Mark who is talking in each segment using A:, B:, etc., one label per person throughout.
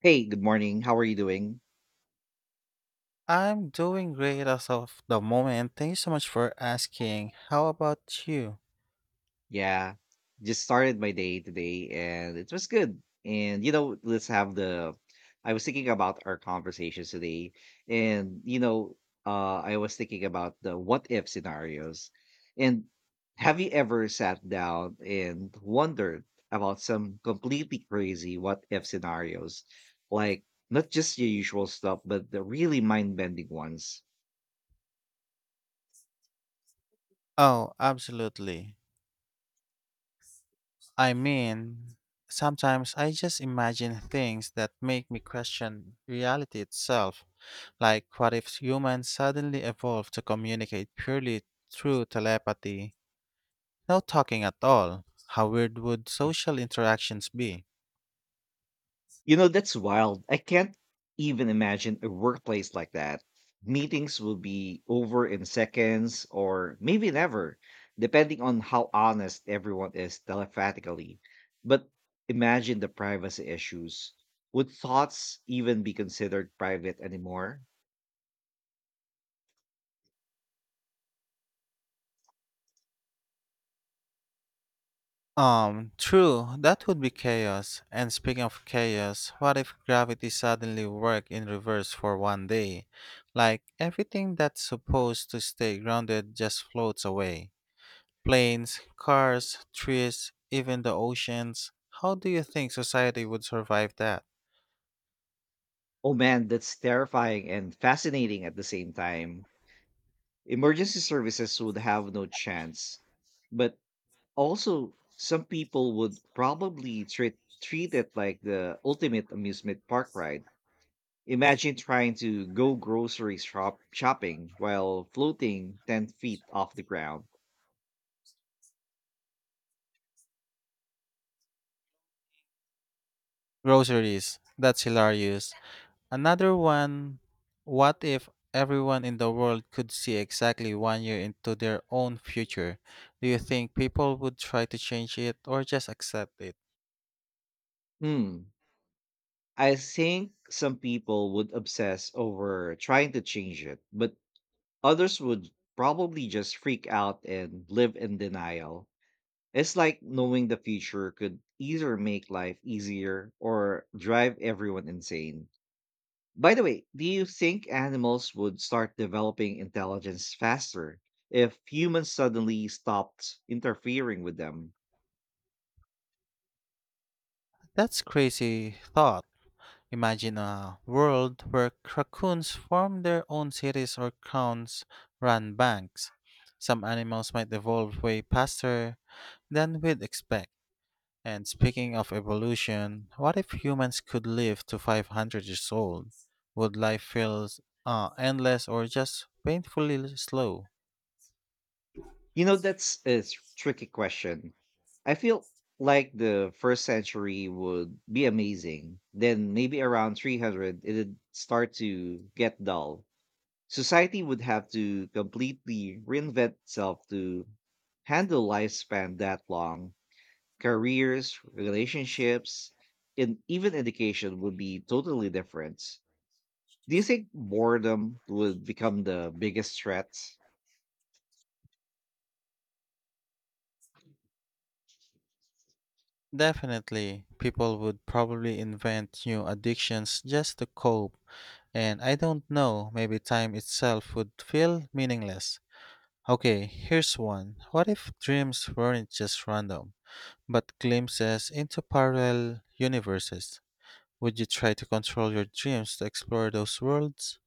A: Hey, good morning. How are you doing?
B: I'm doing great as of the moment. Thank you so much for asking. How about you?
A: Yeah, just started my day today and it was good. And you know, let's have the I was thinking about our conversations today, and I was thinking about the what if scenarios. And have you ever sat down and wondered about some completely crazy what if scenarios? Like not just your usual stuff, but the really mind-bending ones.
B: Oh, absolutely. I mean, sometimes I just imagine things that make me question reality itself. Like, what if humans suddenly evolved to communicate purely through telepathy? No talking at all. How weird would social interactions be?
A: That's wild. I can't even imagine a workplace like that. Meetings will be over in seconds or maybe never, depending on how honest everyone is telepathically. But imagine the privacy issues. Would thoughts even be considered private anymore?
B: True, that would be chaos. And speaking of chaos, what if gravity suddenly worked in reverse for 1 day? Like everything that's supposed to stay grounded just floats away. Planes, cars, trees, even the oceans. How do you think society would survive that?
A: Oh man, that's terrifying and fascinating at the same time. Emergency services would have no chance. But Also, some people would probably treat it like the ultimate amusement park ride. Imagine trying to go grocery shopping while floating 10 feet off the ground.
B: Groceries, that's hilarious. Another one, what if everyone in the world could see exactly 1 year into their own future? Do you think people would try to change it or just accept it?
A: Hmm. I think some people would obsess over trying to change it, but others would probably just freak out and live in denial. It's like knowing the future could either make life easier or drive everyone insane. By the way, do you think animals would start developing intelligence faster if humans suddenly stopped interfering with them?
B: That's crazy thought. Imagine a world where raccoons form their own cities or counts run banks. Some animals might evolve way faster than we'd expect. And speaking of evolution, what if humans could live to 500 years old? Would life feel endless or just painfully slow?
A: That's a tricky question. I feel like the first century would be amazing. Then, maybe around 300, it'd start to get dull. Society would have to completely reinvent itself to handle lifespan that long: careers, relationships, and even education would be totally different. Do you think boredom would become the biggest threat?
B: Definitely, people would probably invent new addictions just to cope, and I don't know, maybe time itself would feel meaningless. Okay, here's one. What if dreams weren't just random, but glimpses into parallel universes? Would you try to control your dreams to explore those worlds?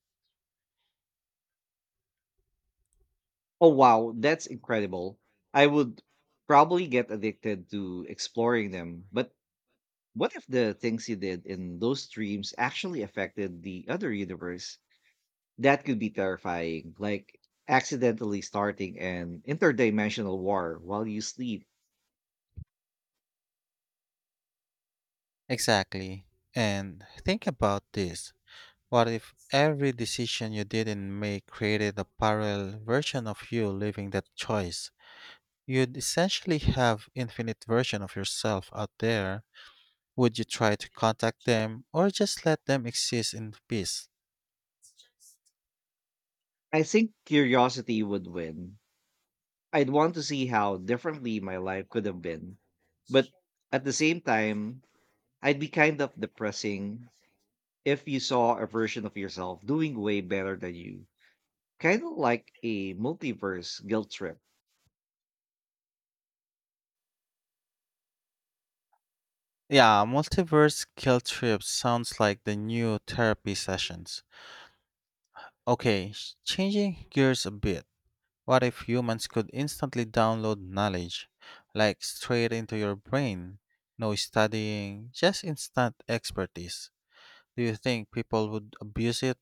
A: Oh, wow, that's incredible. I would probably get addicted to exploring them. But what if the things you did in those dreams actually affected the other universe? That could be terrifying, like accidentally starting an interdimensional war while you sleep.
B: Exactly. And think about this. What if every decision you didn't make created a parallel version of you living that choice? You'd essentially have infinite version of yourself out there. Would you try to contact them or just let them exist in peace?
A: I think curiosity would win. I'd want to see how differently my life could have been. But at the same time, I'd be kind of depressing if you saw a version of yourself doing way better than you. Kind of like a multiverse guilt trip.
B: Yeah, multiverse guilt trip sounds like the new therapy sessions. Okay, changing gears a bit. What if humans could instantly download knowledge, like straight into your brain? No studying, just instant expertise. Do you think people would abuse it?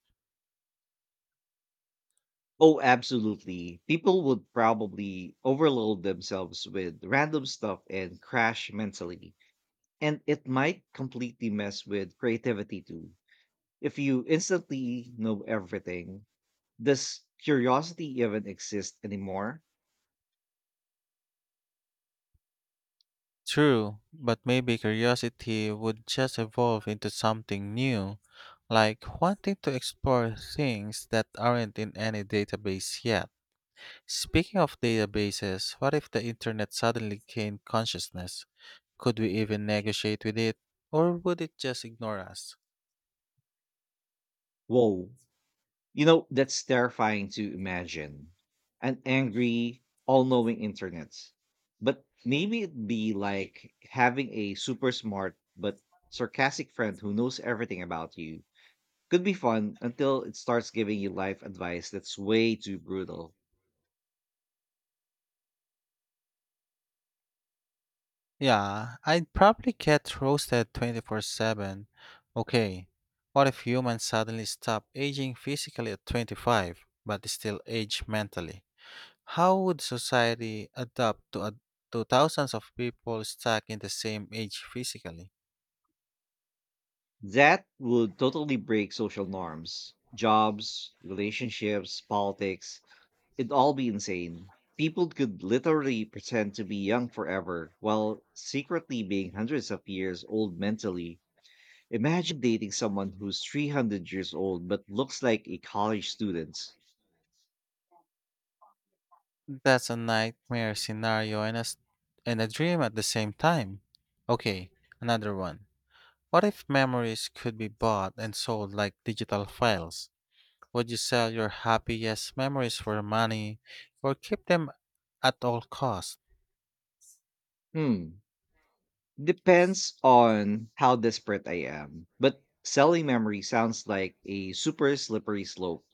A: Oh, absolutely. People would probably overload themselves with random stuff and crash mentally. And it might completely mess with creativity too. If you instantly know everything, does curiosity even exist anymore?
B: True, but maybe curiosity would just evolve into something new, like wanting to explore things that aren't in any database yet. Speaking of databases, what if the internet suddenly gained consciousness? Could we even negotiate with it, or would it just ignore us?
A: Whoa. That's terrifying to imagine. An angry, all knowing internet. But maybe it'd be like having a super smart but sarcastic friend who knows everything about you. Could be fun until it starts giving you life advice that's way too brutal.
B: Yeah, I'd probably get roasted 24/7. Okay, what if humans suddenly stop aging physically at 25, but still age mentally? How would society adapt to thousands of people stuck in the same age physically?
A: That would totally break social norms, jobs, relationships, politics. It'd all be insane. People could literally pretend to be young forever while secretly being hundreds of years old mentally. Imagine dating someone who's 300 years old but looks like a college student.
B: That's a nightmare scenario and a dream at the same time. Okay, another one. What if memories could be bought and sold like digital files? Would you sell your happiest memories for money or keep them at all costs?
A: Hmm. Depends on how desperate I am. But selling memory sounds like a super slippery slope.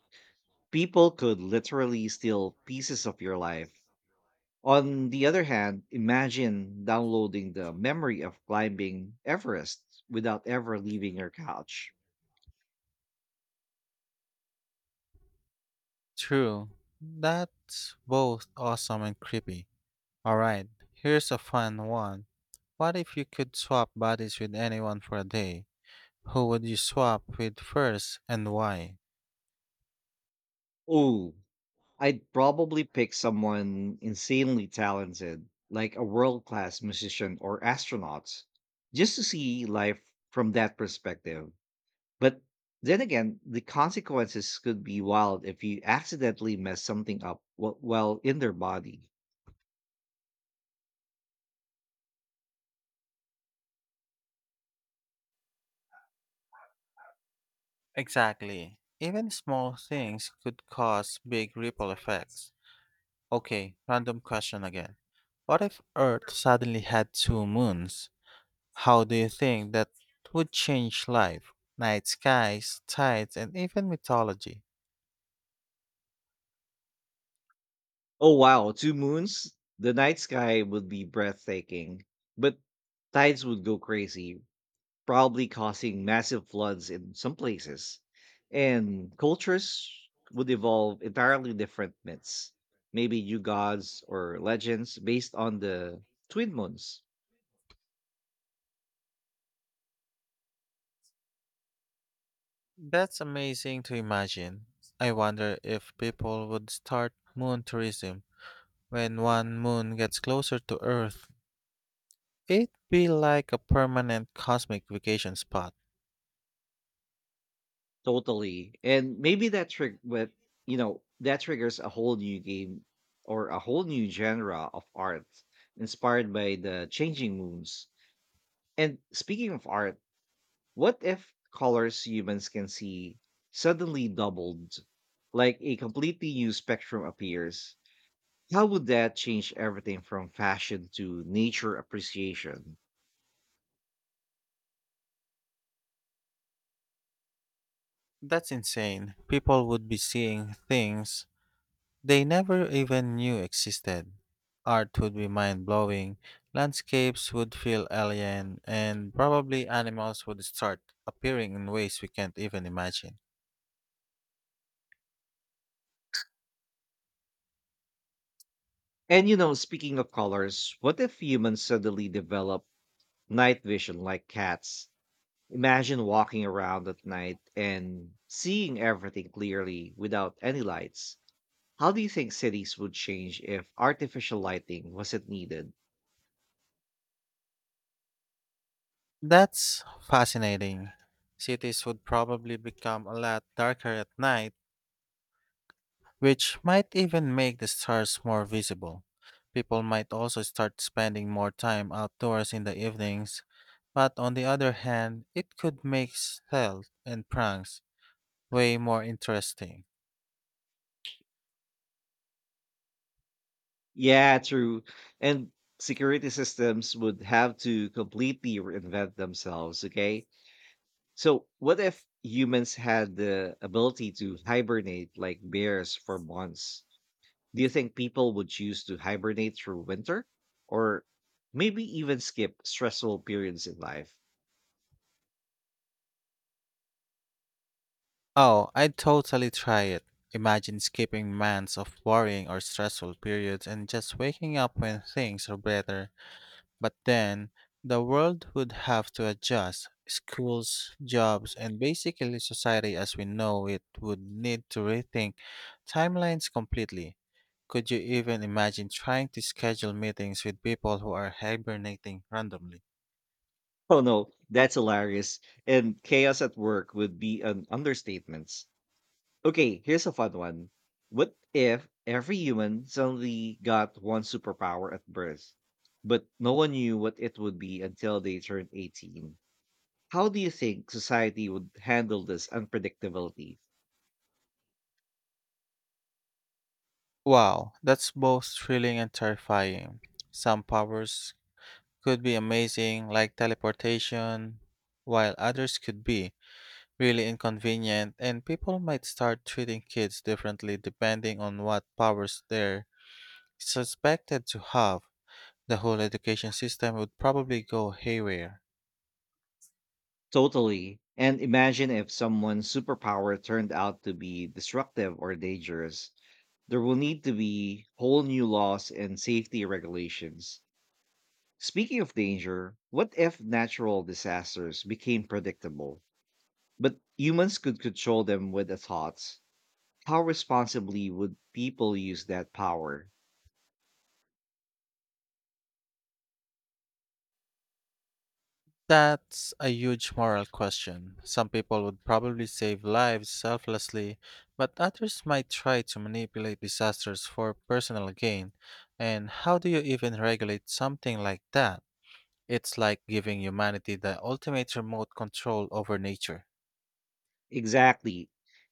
A: People could literally steal pieces of your life. On the other hand, imagine downloading the memory of climbing Everest without ever leaving your couch.
B: True. That's both awesome and creepy. Alright, here's a fun one. What if you could swap bodies with anyone for a day? Who would you swap with first and why?
A: Oh, I'd probably pick someone insanely talented, like a world class musician or astronaut, just to see life from that perspective. But then again, the consequences could be wild if you accidentally mess something up while in their body.
B: Exactly. Even small things could cause big ripple effects. Okay, random question again. What if Earth suddenly had two moons? How do you think that would change life? Night skies, tides, and even mythology.
A: Oh wow, two moons? The night sky would be breathtaking, but tides would go crazy, probably causing massive floods in some places. And cultures would evolve entirely different myths, maybe new gods or legends based on the twin moons.
B: That's amazing to imagine. I wonder if people would start moon tourism. When one moon gets closer to Earth, it'd be like a permanent cosmic vacation spot.
A: Totally. And maybe that trick but you know, that triggers a whole new game or a whole new genre of art inspired by the changing moons. And speaking of art, what if colors humans can see suddenly doubled, like a completely new spectrum appears? How would that change everything from fashion to nature appreciation?
B: That's insane. People would be seeing things they never even knew existed. Art would be mind blowing, landscapes would feel alien, and probably animals would start appearing in ways we can't even imagine.
A: And speaking of colors, what if humans suddenly develop night vision like cats? Imagine walking around at night and seeing everything clearly without any lights. How do you think cities would change if artificial lighting wasn't needed?
B: That's fascinating. Cities would probably become a lot darker at night, which might even make the stars more visible. People might also start spending more time outdoors in the evenings, but on the other hand, it could make stealth and pranks way more interesting.
A: Yeah, true. And security systems would have to completely reinvent themselves, okay? So, what if humans had the ability to hibernate like bears for months? Do you think people would choose to hibernate through winter or maybe even skip stressful periods in life?
B: Oh, I'd totally try it. Imagine skipping months of worrying or stressful periods and just waking up when things are better. But then, the world would have to adjust. Schools, jobs, and basically society as we know it would need to rethink timelines completely. Could you even imagine trying to schedule meetings with people who are hibernating randomly?
A: Oh no, that's hilarious. And chaos at work would be an understatement. Okay, here's a fun one. What if every human suddenly got one superpower at birth, but no one knew what it would be until they turned 18? How do you think society would handle this unpredictability?
B: Wow, that's both thrilling and terrifying. Some powers could be amazing, like teleportation, while others could be really inconvenient, and people might start treating kids differently depending on what powers they're suspected to have. The whole education system would probably go haywire.
A: Totally. And imagine if someone's superpower turned out to be destructive or dangerous. There will need to be whole new laws and safety regulations. Speaking of danger, what if natural disasters became predictable? But humans could control them with the thoughts. How responsibly would people use that power?
B: That's a huge moral question. Some people would probably save lives selflessly, but others might try to manipulate disasters for personal gain. And how do you even regulate something like that? It's like giving humanity the ultimate remote control over nature.
A: Exactly.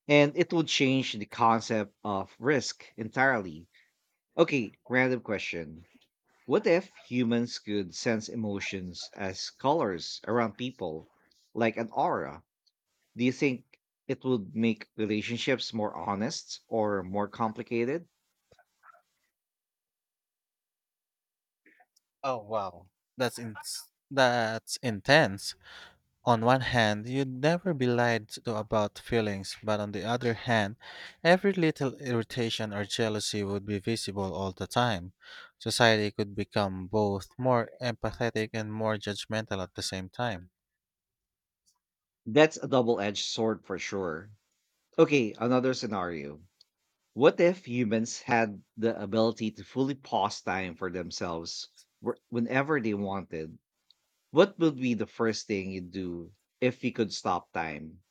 A: And it would change the concept of risk entirely. Okay, random question. What if humans could sense emotions as colors around people, like an aura? Do you think it would make relationships more honest or more complicated?
B: Oh wow, that's in- that's intense. On one hand, you'd never be lied to about feelings, but on the other hand, every little irritation or jealousy would be visible all the time. Society could become both more empathetic and more judgmental at the same time.
A: That's a double edged sword for sure. Okay, another scenario. What if humans had the ability to fully pause time for themselves whenever they wanted? What would be the first thing you'd do if you could stop time?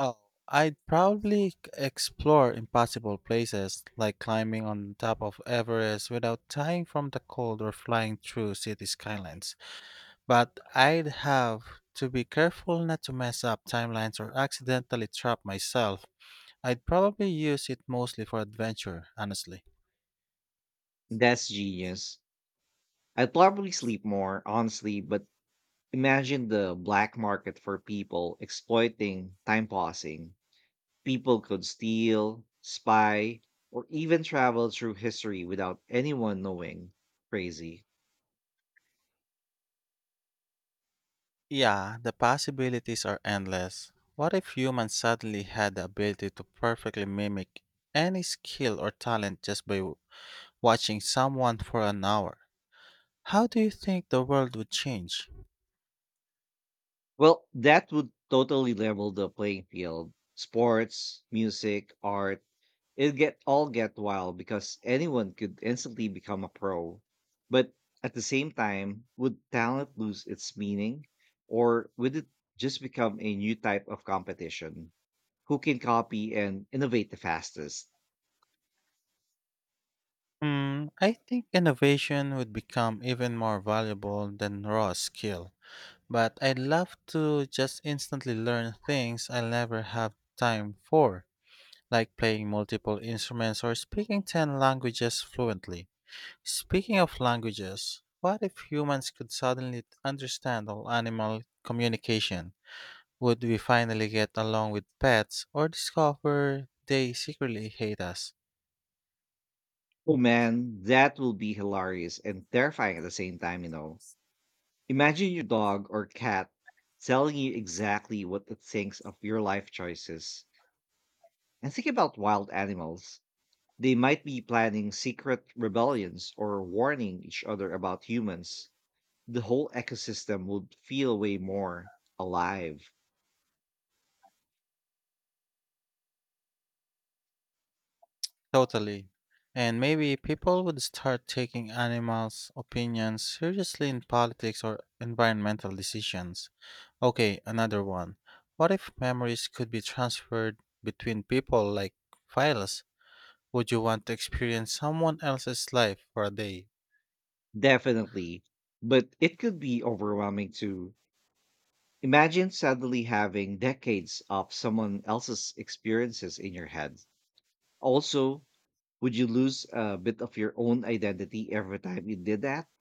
B: Oh, I'd probably explore impossible places, like climbing on top of Everest without dying from the cold or flying through city skylines. But I'd have to be careful not to mess up timelines or accidentally trap myself. I'd probably use it mostly for adventure, honestly.
A: That's genius. I'd probably sleep more, honestly, but imagine the black market for people exploiting time pausing. People could steal, spy, or even travel through history without anyone knowing. Crazy.
B: Yeah, the possibilities are endless. What if humans suddenly had the ability to perfectly mimic any skill or talent just by watching someone for an hour? How do you think the world would change?
A: Well, that would totally level the playing field. Sports, music, art, it get all get wild because anyone could instantly become a pro. But at the same time, would talent lose its meaning or would it just become a new type of competition? Who can copy and innovate the fastest?
B: Hmm, I think innovation would become even more valuable than raw skill. But I'd love to just instantly learn things I'll never have time for, like playing multiple instruments or speaking 10 languages fluently. Speaking of languages, what if humans could suddenly understand all animal communication? Would we finally get along with pets or discover they secretly hate us?
A: Oh man, that will be hilarious and terrifying at the same time. Imagine your dog or cat telling you exactly what it thinks of your life choices. And think about wild animals. They might be planning secret rebellions or warning each other about humans. The whole ecosystem would feel way more alive.
B: Totally. And maybe people would start taking animals' opinions seriously in politics or environmental decisions. Okay, another one. What if memories could be transferred between people like files? Would you want to experience someone else's life for a day?
A: Definitely. But it could be overwhelming too. Imagine suddenly having decades of someone else's experiences in your head. Also, would you lose a bit of your own identity every time you did that?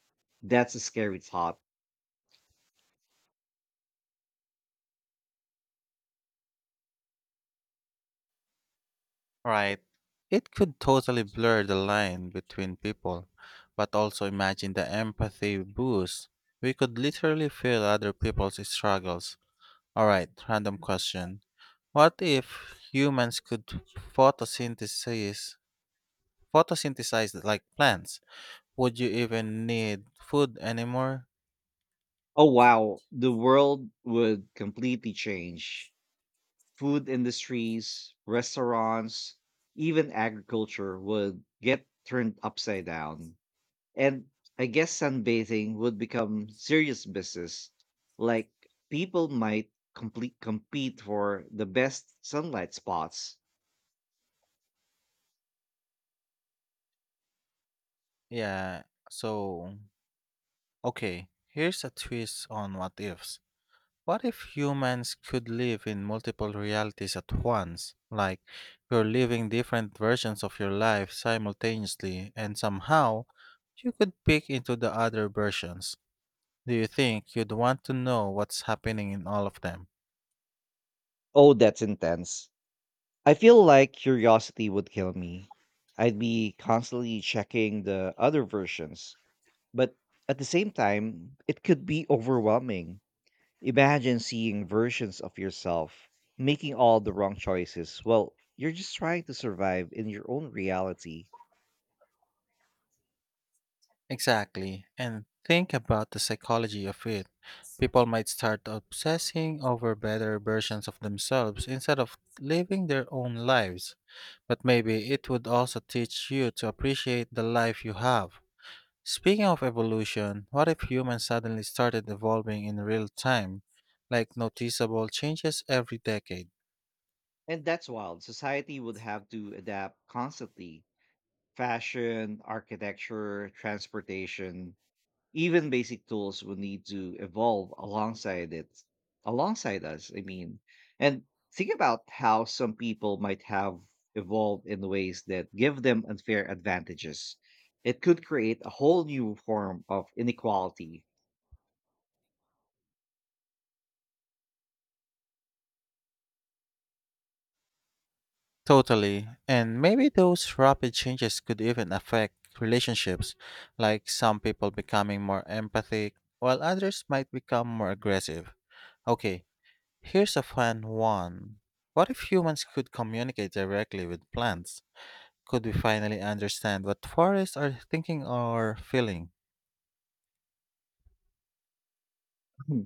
A: That's a scary thought.
B: Right. It could totally blur the line between people, but also imagine the empathy boost. We could literally feel other people's struggles. All right, random question. What if humans could photosynthesize photosynthesize like plants? Would you even need food anymore?
A: Oh wow, the world would completely change. Food industries, restaurants, even agriculture would get turned upside down. And I guess sunbathing would become serious business. Like people might complete compete for the best sunlight spots.
B: Yeah, so okay, here's a twist on what ifs. What if humans could live in multiple realities at once? Like you're living different versions of your life simultaneously and somehow you could peek into the other versions. Do you think you'd want to know what's happening in all of them?
A: Oh, that's intense. I feel like curiosity would kill me. I'd be constantly checking the other versions, but at the same time, it could be overwhelming. Imagine seeing versions of yourself, making all the wrong choices. Well, you're just trying to survive in your own reality.
B: Exactly. And think about the psychology of it. People might start obsessing over better versions of themselves instead of living their own lives. But maybe it would also teach you to appreciate the life you have. Speaking of evolution, what if humans suddenly started evolving in real time, like noticeable changes every decade?
A: And that's wild. Society would have to adapt constantly: fashion, architecture, transportation, even basic tools will need to evolve alongside it, alongside us, I mean. And think about how some people might have evolved in ways that give them unfair advantages. It could create a whole new form of inequality.
B: Totally. And maybe those rapid changes could even affect relationships, like some people becoming more empathic, while others might become more aggressive. Okay, here's a fun one. What if humans could communicate directly with plants? Could we finally understand what forests are thinking or feeling?
A: Hmm.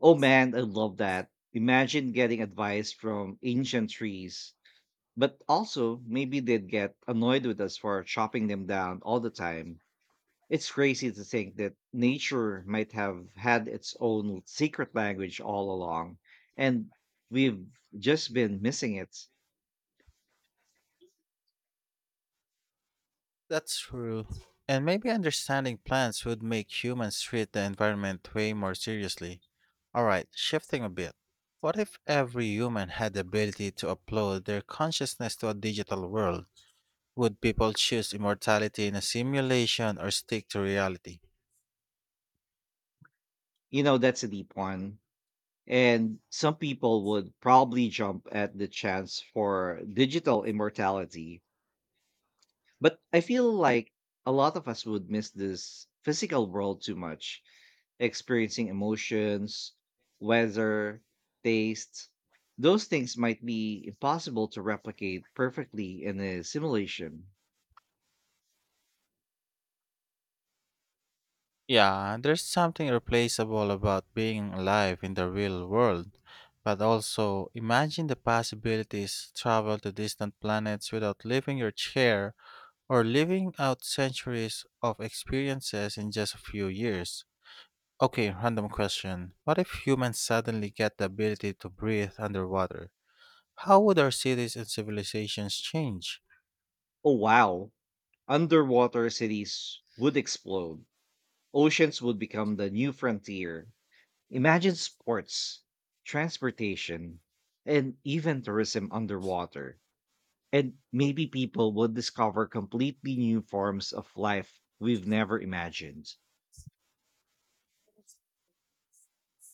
A: Oh man, I love that. Imagine getting advice from ancient trees, but also maybe they'd get annoyed with us for chopping them down all the time. It's crazy to think that nature might have had its own secret language all along, and we've just been missing it.
B: That's true. And maybe understanding plants would make humans treat the environment way more seriously. Alright, shifting a bit. What if every human had the ability to upload their consciousness to a digital world? Would people choose immortality in a simulation or stick to reality?
A: That's a deep one. And some people would probably jump at the chance for digital immortality. But I feel like a lot of us would miss this physical world too much. Experiencing emotions, weather, tastes. Those things might be impossible to replicate perfectly in a simulation.
B: Yeah, there's something irreplaceable about being alive in the real world. But also, imagine the possibilities, travel to distant planets without leaving your chair or living out centuries of experiences in just a few years. Okay, random question. What if humans suddenly get the ability to breathe underwater? How would our cities and civilizations change?
A: Oh, wow. Underwater cities would explode. Oceans would become the new frontier. Imagine sports, transportation, and even tourism underwater. And maybe people would discover completely new forms of life we've never imagined.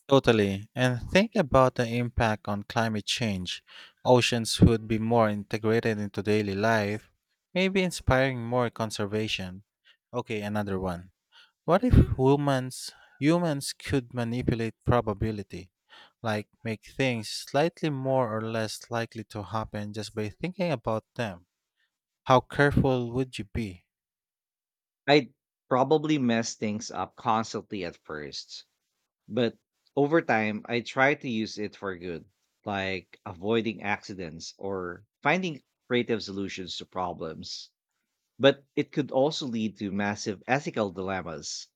B: Totally. And think about the impact on climate change. Oceans would be more integrated into daily life, maybe inspiring more conservation. Okay, another one. What if humans could manipulate probability? Like make things slightly more or less likely to happen just by thinking about them. How careful would you be?
A: I'd probably mess things up constantly at first, but over time, I try to use it for good, like avoiding accidents or finding creative solutions to problems. But it could also lead to massive ethical dilemmas.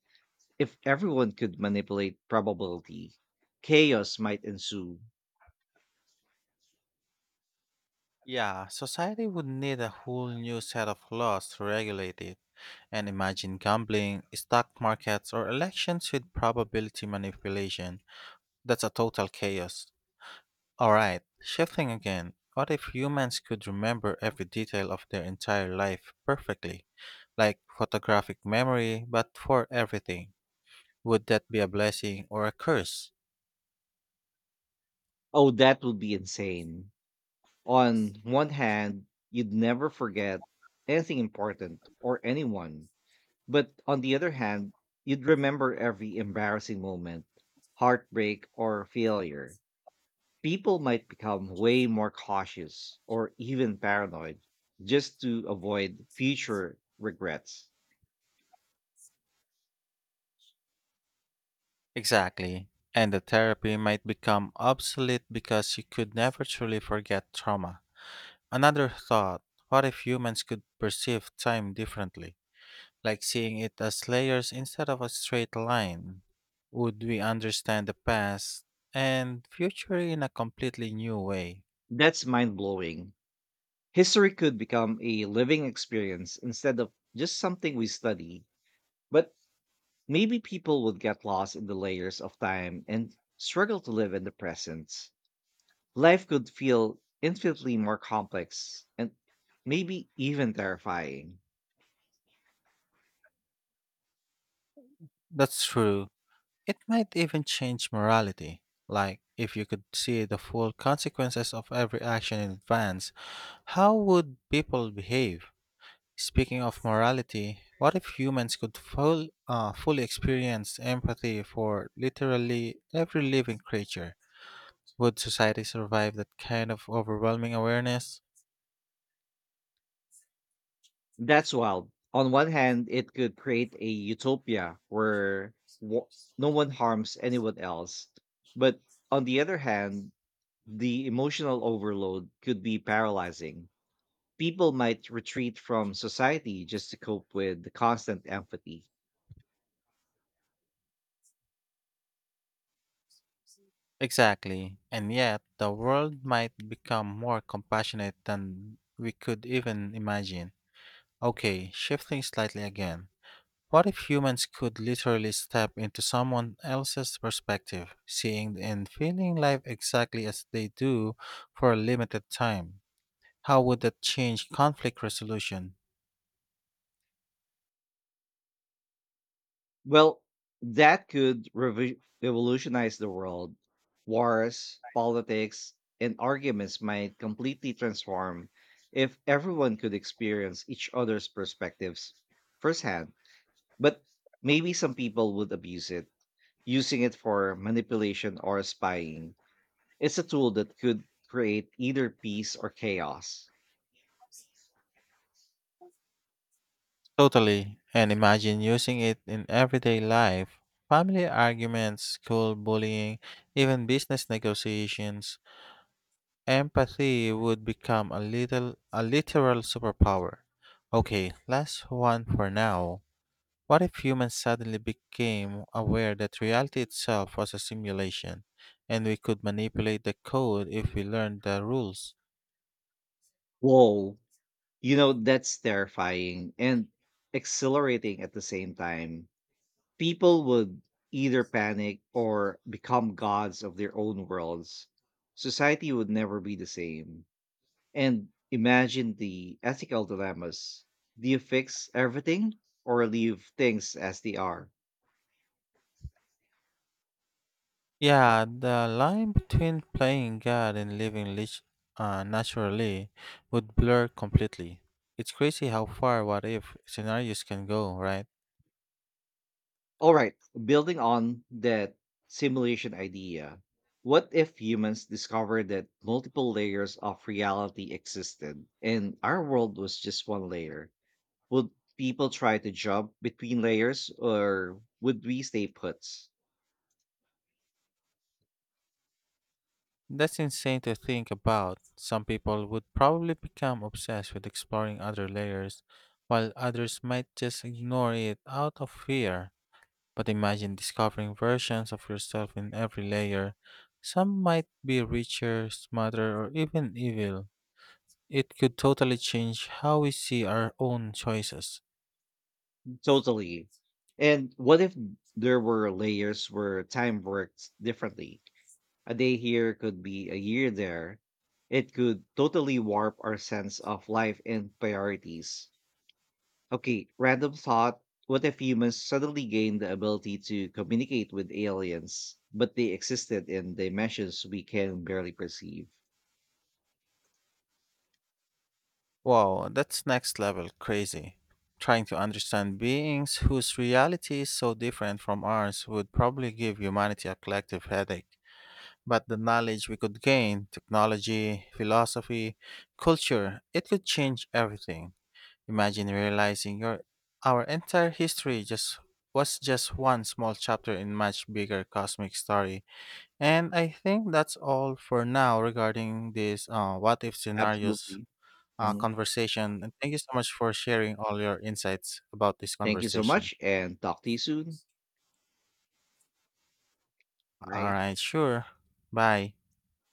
A: If everyone could manipulate probability, chaos might ensue.
B: Yeah, society would need a whole new set of laws to regulate it. And imagine gambling, stock markets, or elections with probability manipulation. That's a total chaos. Alright, shifting again. What if humans could remember every detail of their entire life perfectly? Like photographic memory, but for everything. Would that be a blessing or a curse?
A: Oh, that would be insane. On one hand, you'd never forget anything important or anyone. But on the other hand, you'd remember every embarrassing moment, heartbreak, or failure. People might become way more cautious or even paranoid just to avoid future regrets.
B: Exactly. And the therapy might become obsolete because you could never truly forget trauma. Another thought, what if humans could perceive time differently? Like seeing it as layers instead of a straight line? Would we understand the past and future in a completely new way?
A: That's mind blowing. History could become a living experience instead of just something we study. But maybe people would get lost in the layers of time and struggle to live in the present. Life could feel infinitely more complex and maybe even terrifying.
B: That's true. It might even change morality. Like, if you could see the full consequences of every action in advance, how would people behave? Speaking of morality, what if humans could fully experience empathy for literally every living creature? Would society survive that kind of overwhelming awareness?
A: That's wild. On one hand, it could create a utopia where wo- no one harms anyone else. But on the other hand, the emotional overload could be paralyzing. People might retreat from society just to cope with the constant empathy.
B: Exactly. And yet, the world might become more compassionate than we could even imagine. Okay, shifting slightly again. What if humans could literally step into someone else's perspective, seeing and feeling life exactly as they do for a limited time? How would that change conflict resolution?
A: Well, that could revolutionize the world. Wars, politics, and arguments might completely transform if everyone could experience each other's perspectives firsthand. But maybe some people would abuse it, using it for manipulation or spying. It's a tool that could create either peace or chaos.
B: Totally. And imagine using it in everyday life. Family arguments, school bullying, even business negotiations. Empathy would become a little a literal superpower. Okay, last one for now. What if humans suddenly became aware that reality itself was a simulation and we could manipulate the code if we learned the rules?
A: Whoa, that's terrifying and exhilarating at the same time. People would either panic or become gods of their own worlds. Society would never be the same. And imagine the ethical dilemmas. Do you fix everything or leave things as they are?
B: Yeah, the line between playing God and living naturally would blur completely. It's crazy how far what if scenarios can go, right?
A: All right, building on that simulation idea, what if humans discovered that multiple layers of reality existed and our world was just one layer? Would people try to jump between layers or would we stay put?
B: That's insane to think about. Some people would probably become obsessed with exploring other layers, while others might just ignore it out of fear. But imagine discovering versions of yourself in every layer. Some might be richer, smarter, or even evil. It could totally change how we see our own choices.
A: Totally. And what if there were layers where time worked differently? A day here could be a year there. It could totally warp our sense of life and priorities. Okay, random thought. What if humans suddenly gained the ability to communicate with aliens, but they existed in dimensions we can barely perceive?
B: Wow, that's next level crazy. Trying to understand beings whose reality is so different from ours would probably give humanity a collective headache. But the knowledge we could gain, technology, philosophy, culture, it could change everything. Imagine realizing your our entire history just was just one small chapter in much bigger cosmic story. And I think that's all for now regarding this what if scenarios
A: Absolutely. Mhm.
B: conversation. And thank you so much for sharing all your insights about this
A: Thank you so
B: conversation.
A: much and talk to you soon.
B: All
A: Bye.
B: right, sure. Bye.